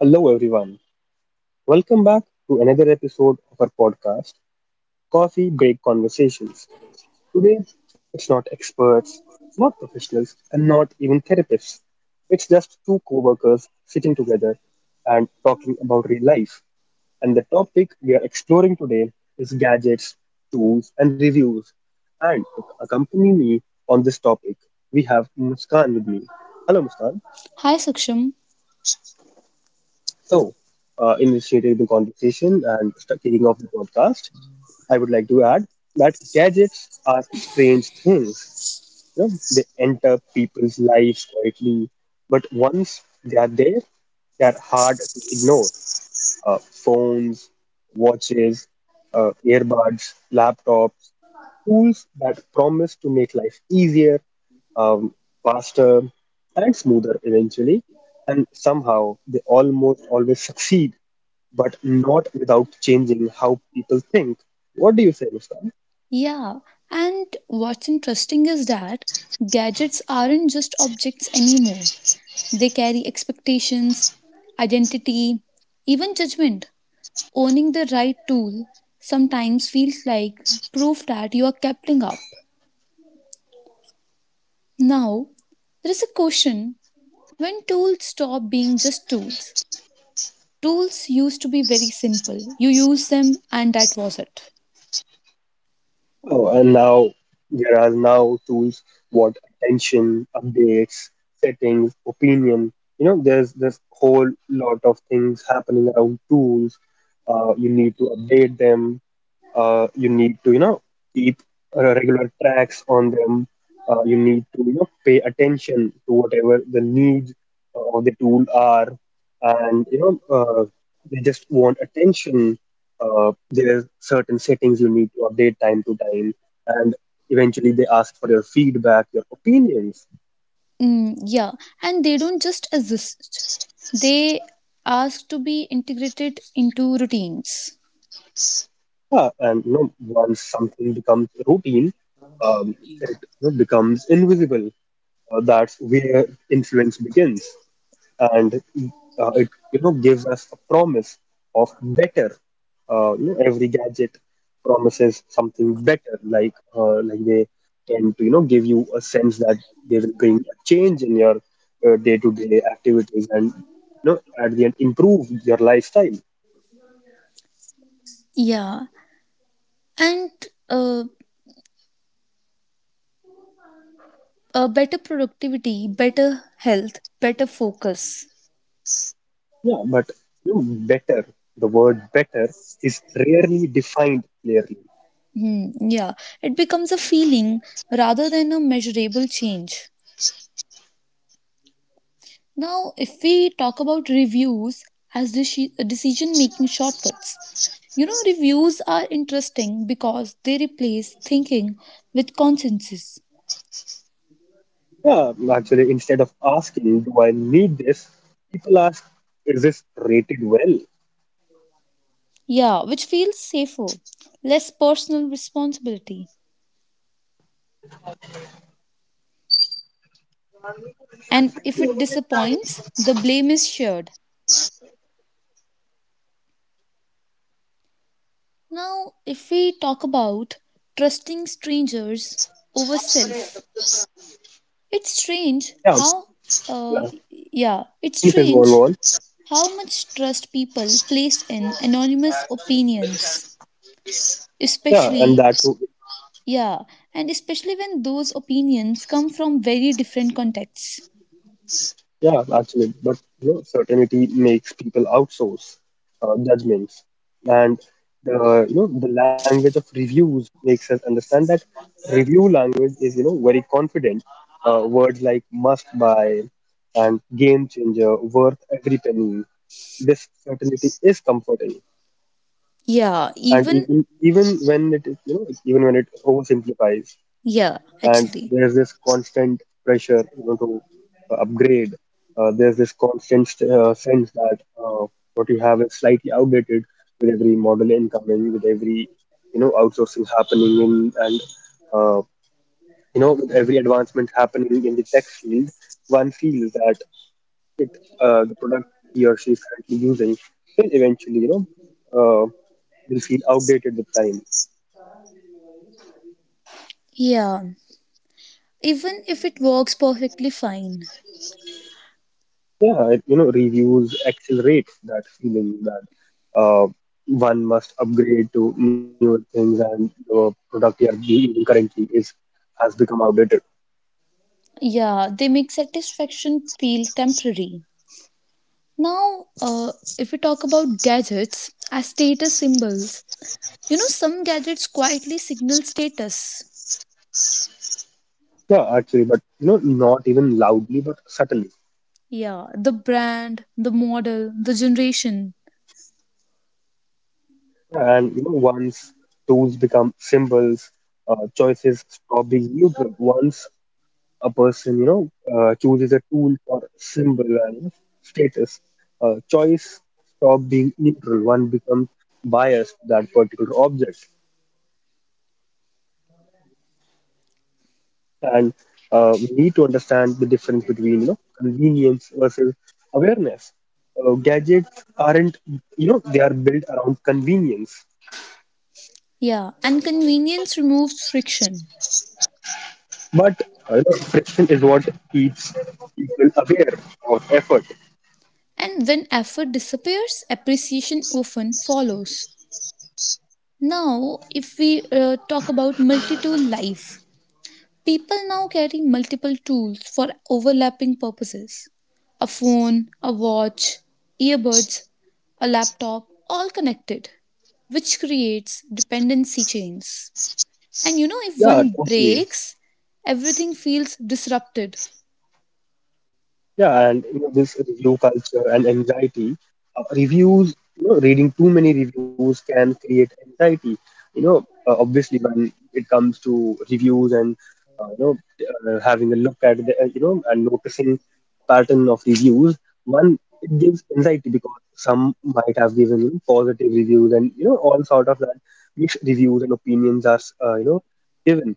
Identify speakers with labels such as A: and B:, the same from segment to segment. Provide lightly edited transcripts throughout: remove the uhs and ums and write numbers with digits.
A: Hello, everyone. Welcome back to another episode of our podcast, Coffee Break Conversations. Today, it's not experts, not professionals, and not even therapists. It's just two co workers sitting together and talking about real life. And the topic we are exploring today is gadgets, tools, and reviews. And to accompany me on this topic, we have Muskan with me. Hello, Muskan.
B: Hi Saksham.
A: So, initiating the conversation and kicking off the podcast. I would like to add that gadgets are strange things. You know, they enter people's lives quietly, but once they are there, they are hard to ignore. Phones, watches, earbuds, laptops, tools that promise to make life easier, um, faster, and smoother eventually. And somehow they almost always succeed, but not without changing how people think. What do you say, Muskan?
B: Yeah, and what's interesting is that gadgets aren't just objects anymore. They carry expectations, identity, even judgment. Owning the right tool sometimes feels like proof that you are keeping up. Now, there is a question when tools stop being just tools. Tools used to be very simple. You use them and that was it.
A: Oh, and now there are now tools what attention, updates, settings, opinion. You know, there's this whole lot of things happening around tools. You need to update them. You need to, you know, keep regular tracks on them. You need to, you know, pay attention to whatever the needs of the tool are, and you know, they just want attention. There are certain settings you need to update time to time, and eventually they ask for your feedback, your opinions.
B: Yeah, and they don't just exist, they ask to be integrated into routines.
A: Yeah, and you know, once something becomes routine, it, you know, becomes invisible. That's where influence begins, and it, you know, gives us a promise of better. You know, every gadget promises something better, like they tend to, you know, give you a sense that they will bring a change in your day-to-day activities and, you know, at the end improve your lifestyle.
B: Yeah, and uh, better productivity, better health, better focus.
A: Yeah, but you know, better. The word better is rarely defined clearly.
B: Yeah, it becomes a feeling rather than a measurable change. Now, if we talk about reviews as decision making shortcuts, you know, reviews are interesting because they replace thinking with consensus.
A: Yeah, actually, instead of asking, do I need this? People ask, is this rated well?
B: Yeah, which feels safer, less personal responsibility. And if it disappoints, the blame is shared. Now, if we talk about trusting strangers over self, it's strange
A: Yeah, so,
B: how, uh,
A: yeah,
B: yeah, it's
A: please may
B: strange
A: go on.
B: how much trust people place in anonymous opinions,
A: Yeah, and
B: especially,
A: that too.
B: yeah, and especially when those opinions come from very different contexts.
A: Yeah, actually, but you know, certainty makes people outsource judgments, and the, you know, the language of reviews makes us understand that review language is, you know, very confident. Words like must buy and game changer, worth every penny. This certainty is comforting,
B: Yeah,
A: and
B: even,
A: even when it is, you know, even when it oversimplifies.
B: yeah,
A: And
B: actually.
A: there's this constant pressure, you know, to upgrade. There's this constant sense that uh, what you have is slightly outdated. With every model incoming, with every, you know, outsourcing happening in, and uh, you know, with every advancement happening in the tech field, one feels that the product he or she is currently using will eventually, you know, uh, will feel outdated with time.
B: Yeah, even if it works perfectly fine.
A: Yeah, it, you know, reviews accelerate that feeling that uh, one must upgrade to newer things and the product you are using currently is has become outdated.
B: Yeah, they make satisfaction feel temporary. Now, if we talk about gadgets as status symbols, you know, some gadgets quietly signal status.
A: Yeah, actually, but you know, not even loudly, but subtly.
B: Yeah, the brand, the model, the generation.
A: Yeah. And you know, once tools become symbols, choices stop being neutral. Once a person, you know, chooses a tool or symbol and, you know, status. Choice stop being neutral. One becomes biased to that particular object, and we need to understand the difference between, you know, convenience versus awareness. Gadgets aren't, you know, they are built around convenience,
B: Yeah, and convenience removes friction.
A: but friction is what keeps people aware of effort.
B: And when effort disappears, appreciation often follows. Now, if we talk about multi tool life, people now carry multiple tools for overlapping purposes. A phone, a watch, earbuds, a laptop, all connected, which creates dependency chains. And you know, if
A: Yeah,
B: one
A: okay.
B: breaks, everything feels disrupted.
A: Yeah, and you know, this review culture and anxiety, reviews, you know, reading too many reviews can create anxiety. You know, obviously when it comes to reviews and you know, having a look at the, you know, and noticing pattern of reviews, one, it gives anxiety because some might have given, you know, positive reviews and, you know, all sort of that, mixed reviews and opinions are, you know, given,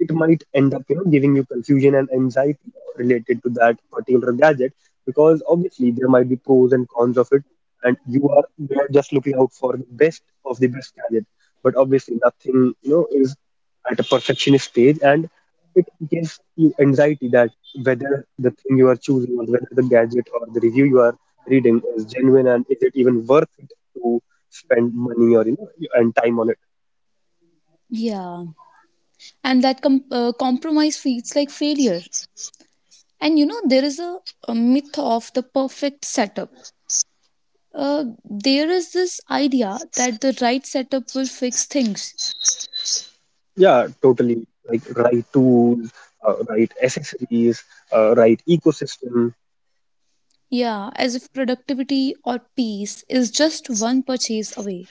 A: it might end up, you know, giving you confusion and anxiety related to that particular gadget, because obviously there might be pros and cons of it, and you are just looking out for the best of the best gadget, but obviously nothing, you know, is at a perfectionist stage, and it gives you anxiety that whether the thing you are choosing or whether the gadget or the review you are reading is genuine, and is it even worth it to spend money or, you know, and time on it.
B: Yeah. And that compromise feels like failure. And you know, there is a myth of the perfect setup. There is this idea that the right setup will fix things.
A: Yeah, totally. Like right tools, right accessories, right ecosystem.
B: Yeah, as if productivity or peace is just one purchase away.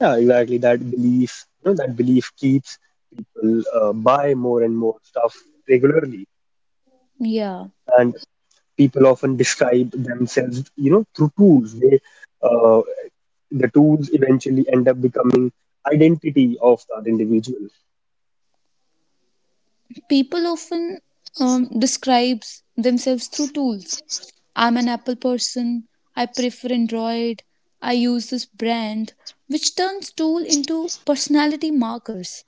A: Yeah, exactly. That belief, you know, that belief keeps people buy more and more stuff regularly.
B: Yeah,
A: And people often describe themselves, you know, through tools. They, uh, the tools eventually end up becoming identity of that individual.
B: people often describes themselves through tools. I'm an Apple person. I prefer Android. I use this brand, which turns tool into personality markers.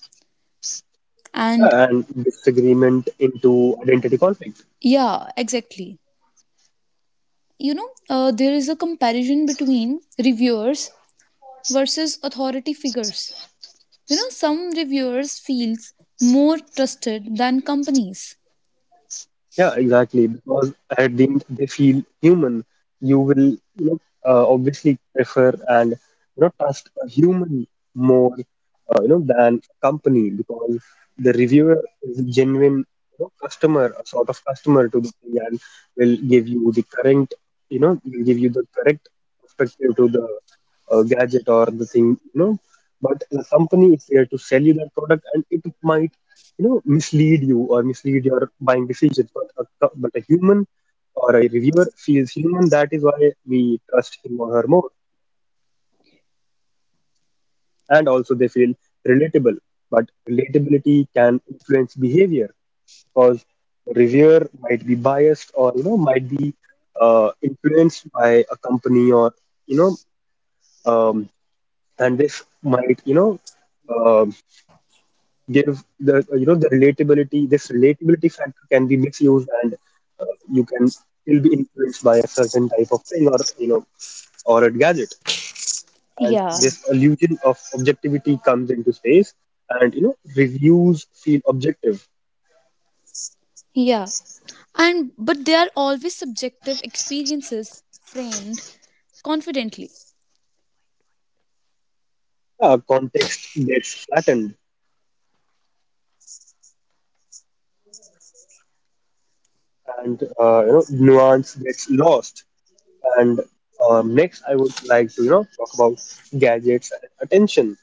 B: And
A: Yeah, and disagreement into identity conflict.
B: yeah, exactly. You know, there is a comparison between reviewers versus authority figures. You know, some reviewers feels more trusted than companies.
A: Yeah, exactly. Because at the end they feel human. You will, you know, obviously prefer and, you know, trust a human more, you know, than a company, because the reviewer is a genuine, you know, customer, a sort of customer to the thing, and will give you the correct, you know, will give you the correct perspective to the gadget or the thing, you know. But the company is there to sell you that product, and it might, you know, mislead you or mislead your buying decisions. But a, but a human or a reviewer feels human, that is why we trust him or her more. And also they feel relatable, but relatability can influence behavior, because reviewer might be biased or, you know, might be influenced by a company or, you know, um, and this might, you know, um, give the, you know, the relatability, this relatability factor can be misused, and uh, you can still be influenced by a certain type of thing or, you know, or a gadget. And
B: Yeah.
A: this illusion of objectivity comes into space, and you know, reviews feel objective.
B: Yeah. And but they are always subjective experiences framed confidently.
A: Context gets flattened, and you know, nuance gets lost, and next I would like to, you know, talk about gadgets and attention.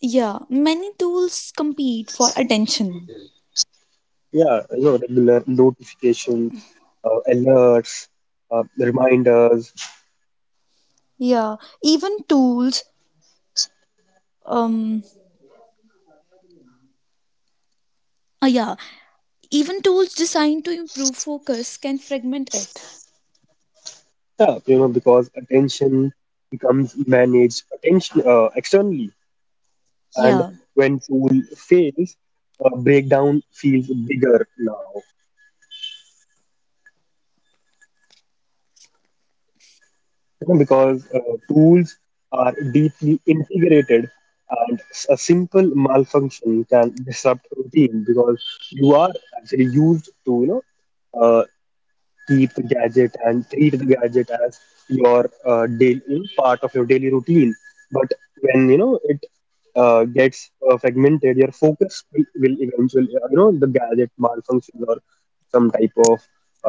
B: Yeah. Many tools compete for attention.
A: Yeah, you know, regular notifications, alerts, reminders.
B: Yeah. Even tools um yeah, even tools designed to improve focus can fragment it.
A: Yeah, you know, because attention becomes managed attention externally, and
B: Yeah.
A: when tool fails, breakdown feels bigger now. You know, because tools are deeply integrated, and a simple malfunction can disrupt routine, because you are actually used to, you know, uh, keep the gadget and treat the gadget as your daily, you know, part of your daily routine. But when you know it gets fragmented, your focus will eventually, you know, the gadget malfunctions or some type of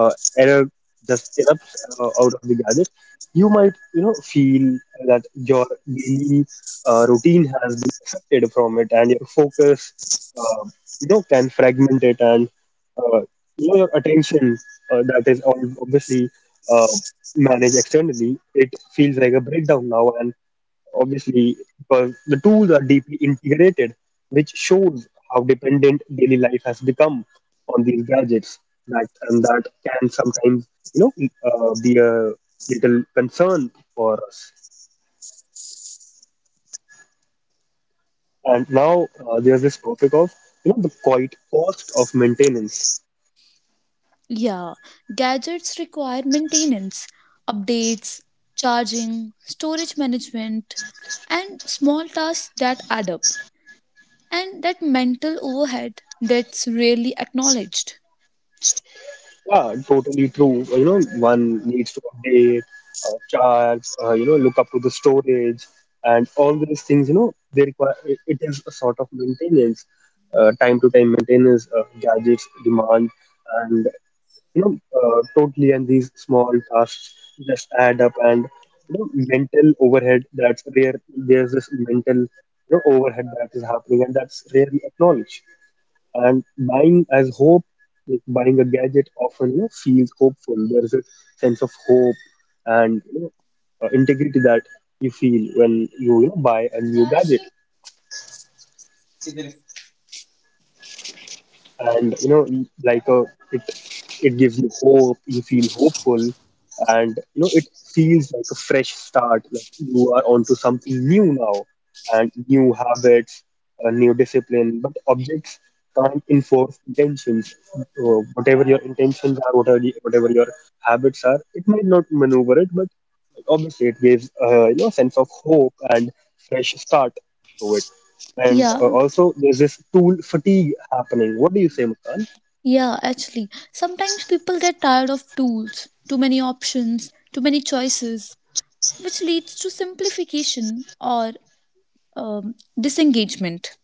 A: uh, error just erupts out of the gadget. You might, you know, feel that your daily routine has been affected from it, and your focus, uh, you know, can fragment it, and uh, you know, your attention, that is all obviously uh, managed externally, it feels like a breakdown now. And obviously, because the tools are deeply integrated, which shows how dependent daily life has become on these gadgets. That, and that can sometimes, you know, be a little concern for us. And now there's this topic of, you know, the quite cost of maintenance.
B: Yeah, gadgets require maintenance, updates, charging, storage management, and small tasks that add up. And that mental overhead that's rarely acknowledged.
A: Yeah, totally true. You know, one needs to update charts, you know, look up to the storage, and all these things, you know, they require, it is a sort of maintenance, time to time maintenance, gadgets demand, and, you know, totally, and these small tasks just add up, and, you know, mental overhead that's rare. There's this mental, you know, overhead that is happening and that's rarely acknowledged. And buying as hope, like buying a gadget often, you know, feels hopeful. There's a sense of hope, and you know, integrity that you feel when you know, buy a new gadget, and you know, like a, it it gives you hope, you feel hopeful, and you know, it feels like a fresh start, like you are onto something new now. And new habits, a new discipline, but objects can't enforce intentions. uh, Whatever your intentions are, whatever your habits are, it might not maneuver it, but obviously it gives, you know, a sense of hope and fresh start to it. And
B: Yeah,
A: also there's this tool fatigue happening, what do you say, Muskan?
B: yeah, actually. Sometimes people get tired of tools, too many options, too many choices, which leads to simplification or disengagement.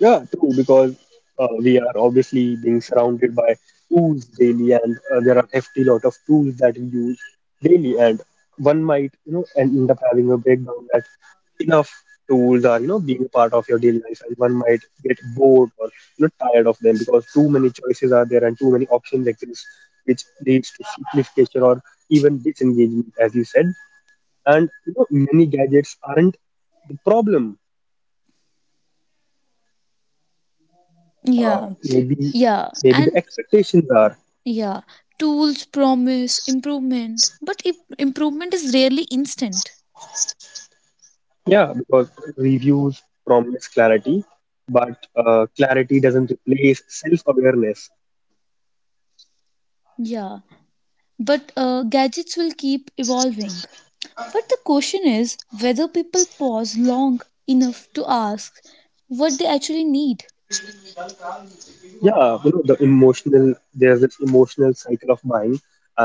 A: Yeah, true, because we are obviously being surrounded by tools daily, and there are hefty lot of tools that we use daily, and one might, you know, end up having a breakdown that enough tools are, you know, being a part of your daily life, and one might get bored or, you know, tired of them because too many choices are there and too many options exist, which leads to simplification or even disengagement, as you said. And you know, many gadgets aren't the problem.
B: Yeah,
A: Maybe
B: yeah,
A: the
B: and
A: expectations are.
B: yeah, tools promise improvement, but if improvement is rarely instant.
A: Yeah, because reviews promise clarity, but clarity doesn't replace self-awareness.
B: Yeah, but gadgets will keep evolving. But the question is whether people pause long enough to ask what they actually need.
A: Yeah, you know, there's this emotional cycle of mine,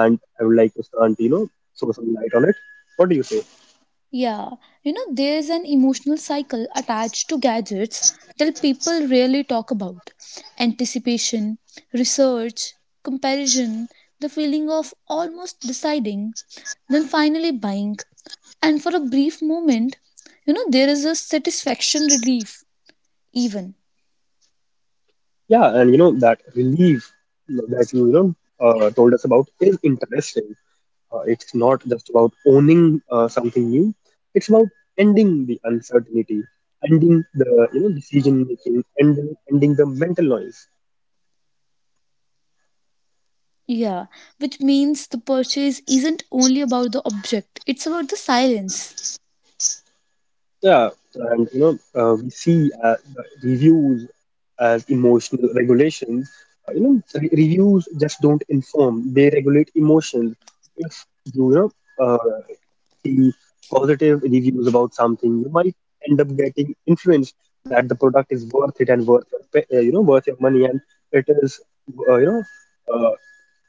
A: and I would like to start, you know, throw some light on it. What do you say?
B: Yeah, you know, there's an emotional cycle attached to gadgets that people rarely talk about: anticipation, research, comparison, the feeling of almost deciding, then finally buying. And for a brief moment, you know, there is a satisfaction relief, even.
A: Yeah, and you know, that relief that you know told us about is interesting. It's not just about owning something new. It's about ending the uncertainty, ending the you know decision making, ending the mental noise.
B: Yeah, which means the purchase isn't only about the object, it's about the silence.
A: Yeah, and you know, we see the reviews as emotional regulations. You know, reviews just don't inform; they regulate emotions. If you know, uh, see positive reviews about something, you might end up getting influenced that the product is worth it and worth your, you know, worth your money, and it is, you know, uh,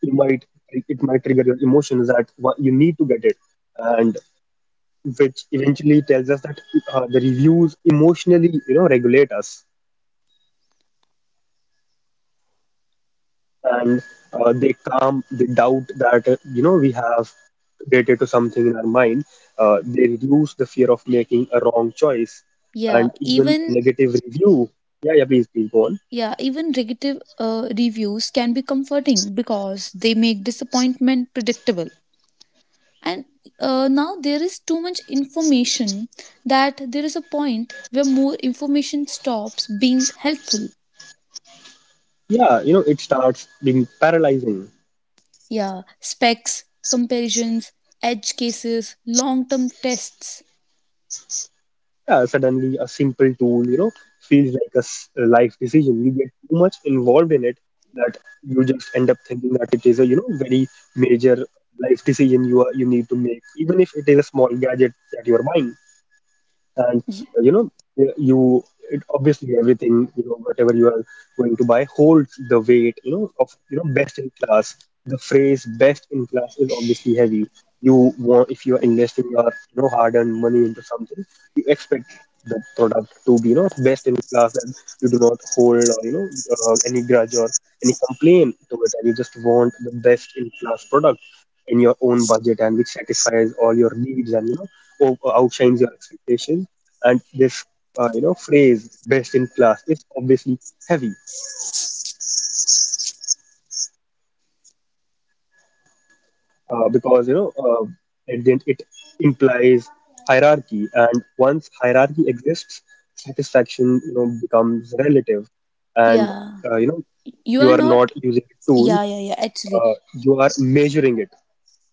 A: you might it might trigger your emotions that you need to get it, and which eventually tells us that the reviews emotionally you know regulate us, and they calm the doubt that you know we have related to something in our mind. They reduce the fear of making a wrong choice.
B: Yeah,
A: And even a
B: even
A: negative review, yeah, yeah, please go on.
B: yeah, even negative reviews can be comforting because they make disappointment predictable. And now there is too much information, that there is a point where more information stops being helpful.
A: Yeah, you know, it starts being paralyzing.
B: Yeah, specs, comparisons, edge cases, long term tests.
A: Yeah, suddenly a simple tool, you know, feels like a a life decision. You get too much involved in it that you just end up thinking that it is a, you know, very major life decision you are, you need to make, even if it is a small gadget that you are buying. And
B: Y-
A: you know, yeah, you it, obviously everything you know whatever you are going to buy holds the weight, you know, of you know best in class. The phrase best in class is obviously heavy. You want if you are investing your you know hard earned money into something, you expect the product to be you know best in class, and you do not hold or you know any grudge or any complaint to it, and you just want the best in class product in your own budget, and which satisfies all your needs and you know outshines your expectations. And this you know phrase best in class is obviously heavy because you know at the end it implies hierarchy, and once hierarchy exists, satisfaction, you know, becomes relative. And
B: yeah,
A: you know,
B: you
A: you
B: are
A: are not
B: not.
A: using a tool,
B: Yeah, yeah, yeah, actually.
A: you are measuring it.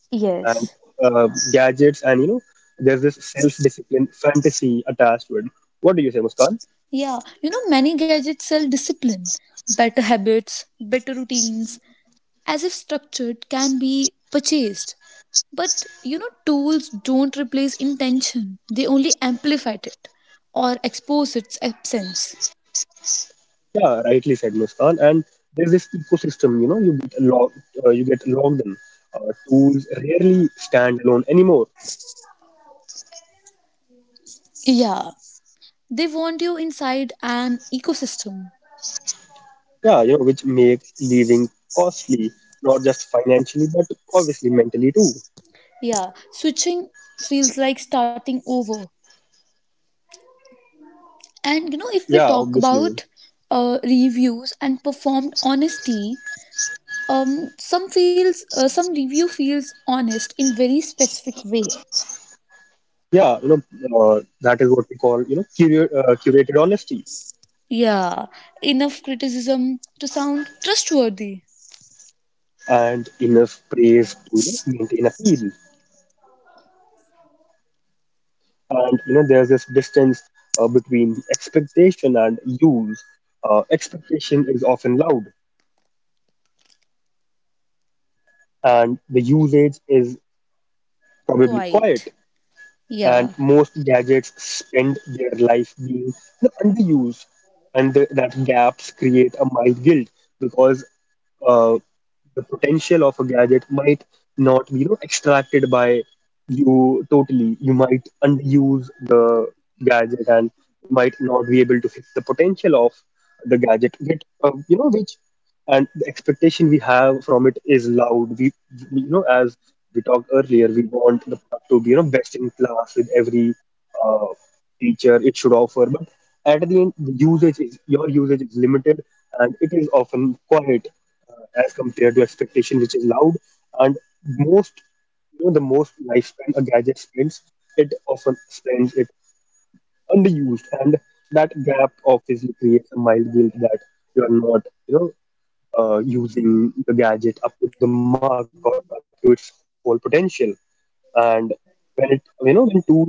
B: Yes.
A: And gadgets and you know there's this self-discipline fantasy attached to it. What do you say, Muskan?
B: Yeah, you know, many gadgets sell discipline, better habits, better routines, as if structured can be purchased. But you know, tools don't replace intention, they only amplify it or expose its absence.
A: Yeah, rightly said, Muskan. And there's this ecosystem, you know, you get logged, you get logged in. Tools rarely stand alone anymore.
B: Yeah, they want you inside an ecosystem.
A: Yeah, you know, which makes living costly, not just financially but obviously mentally too.
B: Yeah, switching feels like starting over. And you know, if we
A: Yeah,
B: talk
A: obviously.
B: about reviews and performed honesty, um, some review feels honest in very specific way.
A: Yeah, you know, uh, that is what we call, you know, curated honesty.
B: Yeah, enough criticism to sound trustworthy.
A: And enough praise to maintain appeal. And you know there's this distance between expectation and use. Expectation is often loud, and the usage is probably quiet.
B: Quite.
A: And
B: Yeah,
A: most gadgets spend their life being, you know, underused. And the, that gaps create a mild guilt because uh, the potential of a gadget might not be, you know, extracted by you totally. You might underuse the gadget, and you might not be able to fix the potential of the gadget. Yet, you know, which and the expectation we have from it is loud. We you know as we talked earlier, we want the product to be you know best in class with every uh, feature it should offer, but at the end the usage is your usage is limited, and it is often quiet as compared to expectation which is loud. And most you know the most lifespan a gadget spends, it often spends it underused, and that gap obviously creates a mild guilt that you are not, you know, using the gadget up to the mark or up to its whole potential. And when it, you know, when tools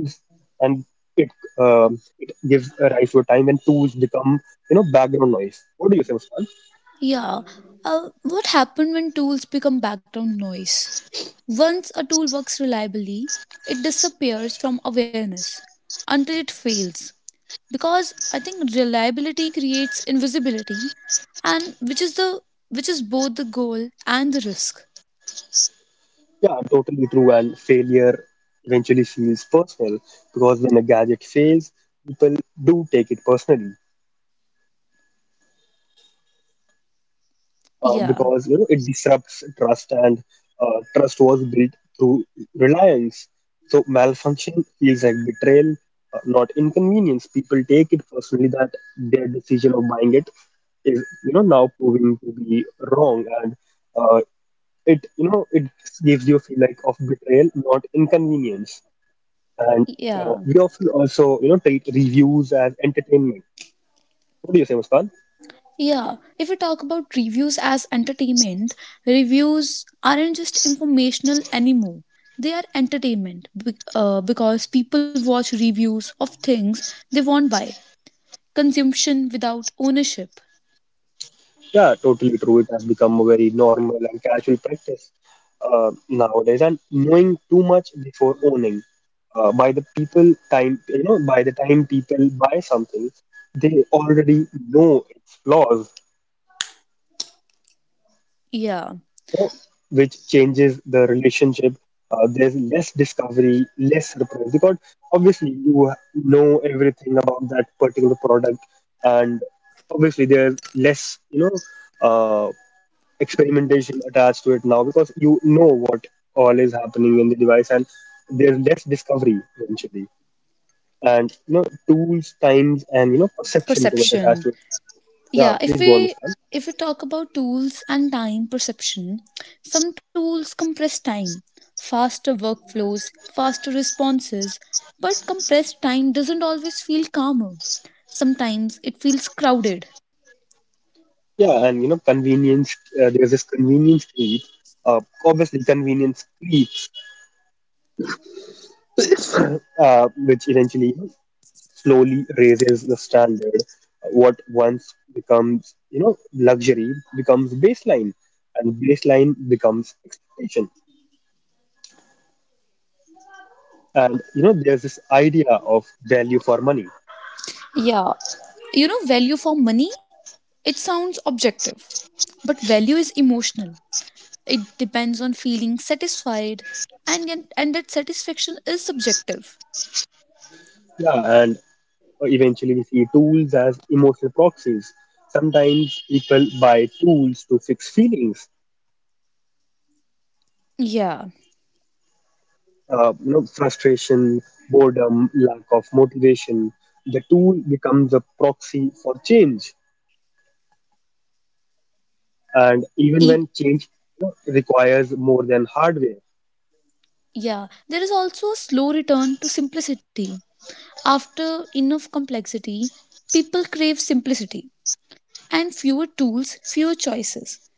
A: and it um, it gives a rise to a time when tools become, you know, background noise. What do you say, Muskan?
B: yeah. What happened when tools become background noise? Once a tool works reliably, it disappears from awareness until it fails. Because I think reliability creates invisibility, and which is both the goal and the risk.
A: Yeah, totally true. And failure eventually feels personal because when a gadget fails, people do take it personally,
B: Yeah,
A: because you know it disrupts trust, and trust was built through reliance, so malfunction feels like betrayal, not inconvenience. People take it personally that their decision of buying it is, you know, now proving to be wrong. And uh, it you know it gives you a feel like of betrayal, not inconvenience. And
B: yeah,
A: we often also, you know, treat reviews as entertainment. What do you say, Muskan?
B: yeah, if we talk about reviews as entertainment, reviews aren't just informational anymore, they are entertainment because people watch reviews of things they won't buy, consumption without ownership.
A: Yeah, totally true. It has become a very normal and casual practice nowadays, and knowing too much before owning. By the people time, you know, by the time people buy something, they already know its flaws,
B: Yeah,
A: you know, which changes the relationship. There's less discovery, less surprise, because obviously you know everything about that particular product, and obviously there's less, you know, uh, experimentation attached to it now because you know what all is happening in the device, and there's less discovery eventually. And you know tools times and you know perception to it attached
B: perception,
A: to it. Yeah,
B: yeah,
A: please go on, Muskan.
B: if we talk about tools and time perception, some tools compress time, faster workflows, faster responses, but compressed time doesn't always feel calmer, sometimes it feels crowded.
A: Yeah, and you know convenience, there's this convenience creep, obviously convenience creeps, which eventually slowly raises the standard. What once becomes, you know, luxury becomes baseline, and baseline becomes expectation. And you know there's this idea of value for money.
B: Yeah, you know, value for money, it sounds objective, but value is emotional, it depends on feeling satisfied, and that satisfaction is subjective.
A: Yeah, and eventually we see tools as emotional proxies. Sometimes people buy tools to fix feelings,
B: Yeah.
A: you know, frustration, boredom, lack of motivation. The tool becomes a proxy for change, and even when
B: E-
A: change, you know, requires more than hardware.
B: Yeah, there is also a slow return to simplicity. After enough complexity, people crave simplicity and fewer tools, fewer choices.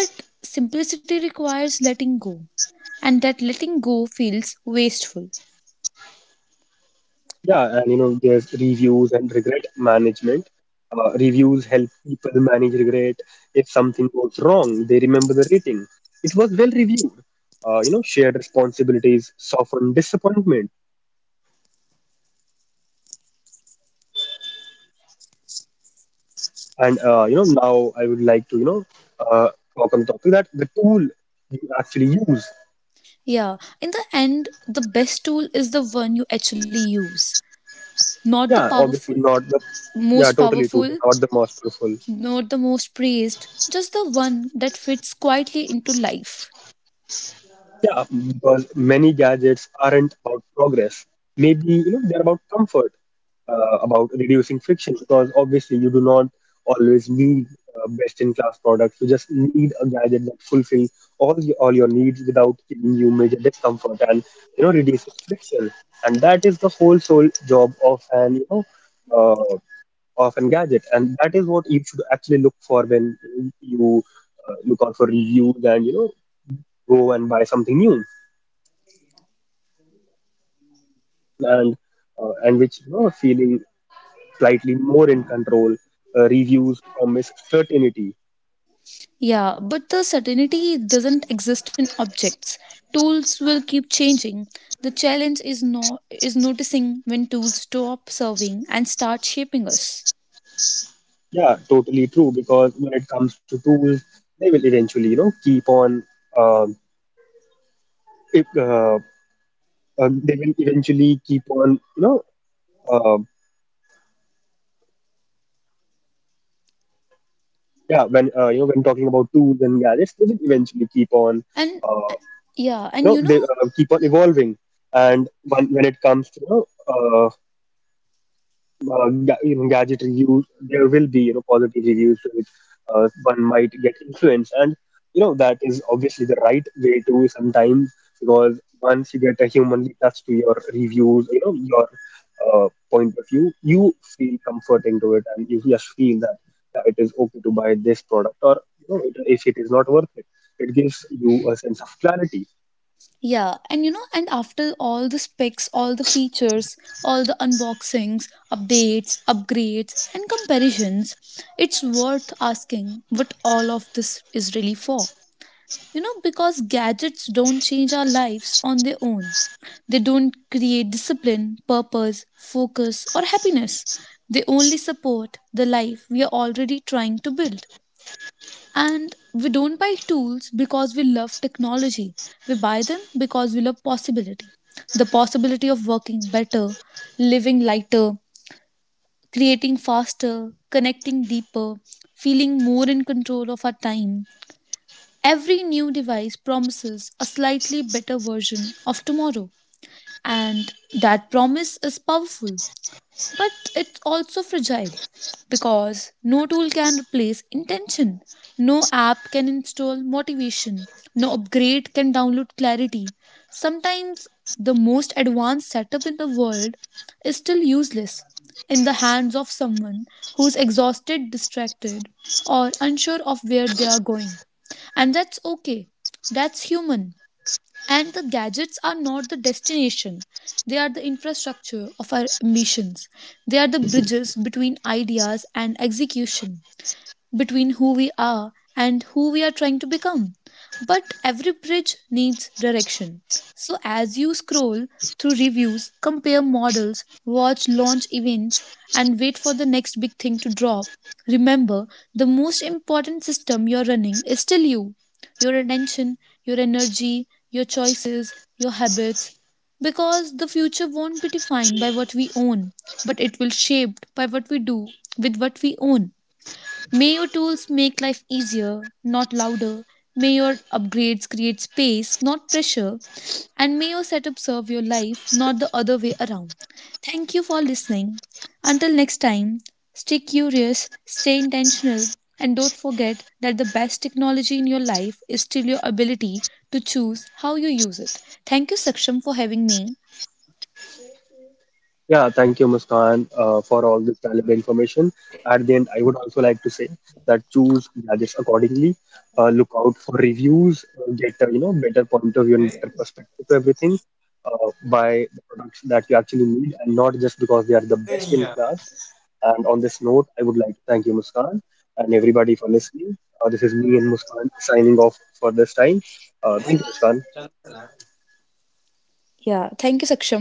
B: But simplicity requires letting go, and that letting go feels wasteful.
A: Yeah, and you know, there's reviews and regret management. Reviews help people manage regret. If something goes wrong, they remember the rating. It was well reviewed. You know, shared responsibilities soften disappointment. And you know, now I would like to you know uh, talk on the topic that the tool you actually use.
B: Yeah, in the end, the best tool is the one you actually use, not the
A: Yeah,
B: powerful,
A: obviously not the yeah
B: most
A: totally true,
B: powerful,
A: not the masterful.
B: not the most praised, just the one that fits quietly into life.
A: Yeah, because many gadgets aren't about progress. Maybe you know they're about comfort, about reducing friction. Because obviously you do not always need best-in-class products. You just need a gadget that fulfills all your needs without giving you major discomfort, and you know reduces friction. And that is the whole sole job of an you know uh, of an gadget. And that is what you should actually look for when you look out for reviews, and you know go and buy something new. And and which you know feeling slightly more in control. Reviews promise certainty.
B: Yeah, but the certainty doesn't exist in objects. Tools will keep changing. The challenge is no is noticing when tools stop serving and start shaping us.
A: Yeah, totally true, because when it comes to tools, they will eventually you know keep on um if, they will eventually keep on, you know, uh, yeah, when you know when talking about tools and gadgets, they will eventually keep on
B: And
A: uh,
B: yeah,
A: you
B: and
A: know
B: you
A: they
B: know,
A: keep on evolving. And when it comes to, you know, you know, gadget reviews, there will be, you know, positive reviews to which one might get influenced, and you know that is obviously the right way to sometimes, because once you get a humanly touch to your reviews, you know, your point of view, you feel comforting to it, and you just feel that yeah, it is okay to buy this product, or you know, it, if it is not worth it, it gives you a sense of clarity.
B: yeah, and you know, and after all the specs, all the features, all the unboxings, updates, upgrades, and comparisons, it's worth asking what all of this is really for. You know, because gadgets don't change our lives on their own. They don't create discipline, purpose, focus, or happiness. They only support the life we are already trying to build. And we don't buy tools because we love technology. We buy them because we love possibility. The possibility of working better, living lighter, creating faster, connecting deeper, feeling more in control of our time. Every new device promises a slightly better version of tomorrow, and that promise is powerful. But it's also fragile, because no tool can replace intention. No app can install motivation. No upgrade can download clarity. Sometimes the most advanced setup in the world is still useless in the hands of someone who's exhausted, distracted, or unsure of where they are going. And that's okay. That's human. And the gadgets are not the destination, they are the infrastructure of our ambitions. They are the bridges between ideas and execution, between who we are and who we are trying to become. But every bridge needs direction. So, as you scroll through reviews, compare models, watch launch events, and wait for the next big thing to drop, remember, the most important system you're running is still you. Your attention, your energy, your choices, your habits. Because the future won't be defined by what we own, but it will be shaped by what we do with what we own. May your tools make life easier, not louder. May your upgrades create space, not pressure. And may your setup serve your life, not the other way around. Thank you for listening. Until next time, stay curious, stay intentional, and don't forget that the best technology in your life is still your ability to choose how you use it. Thank you, Saksham, for having me.
A: Yeah, thank you, Muskan, for all this valuable information. At the end, I would also like to say that choose gadgets accordingly. Look out for reviews, get a you know better point of view and better perspective to everything. Buy the products that you actually need, and not just because they are the best in class. And on this note, I would like to thank you, Muskan, and everybody for listening. This is me and Muskan signing off for this time. Thank you, Muskan.
B: Yeah, thank you, Saksham.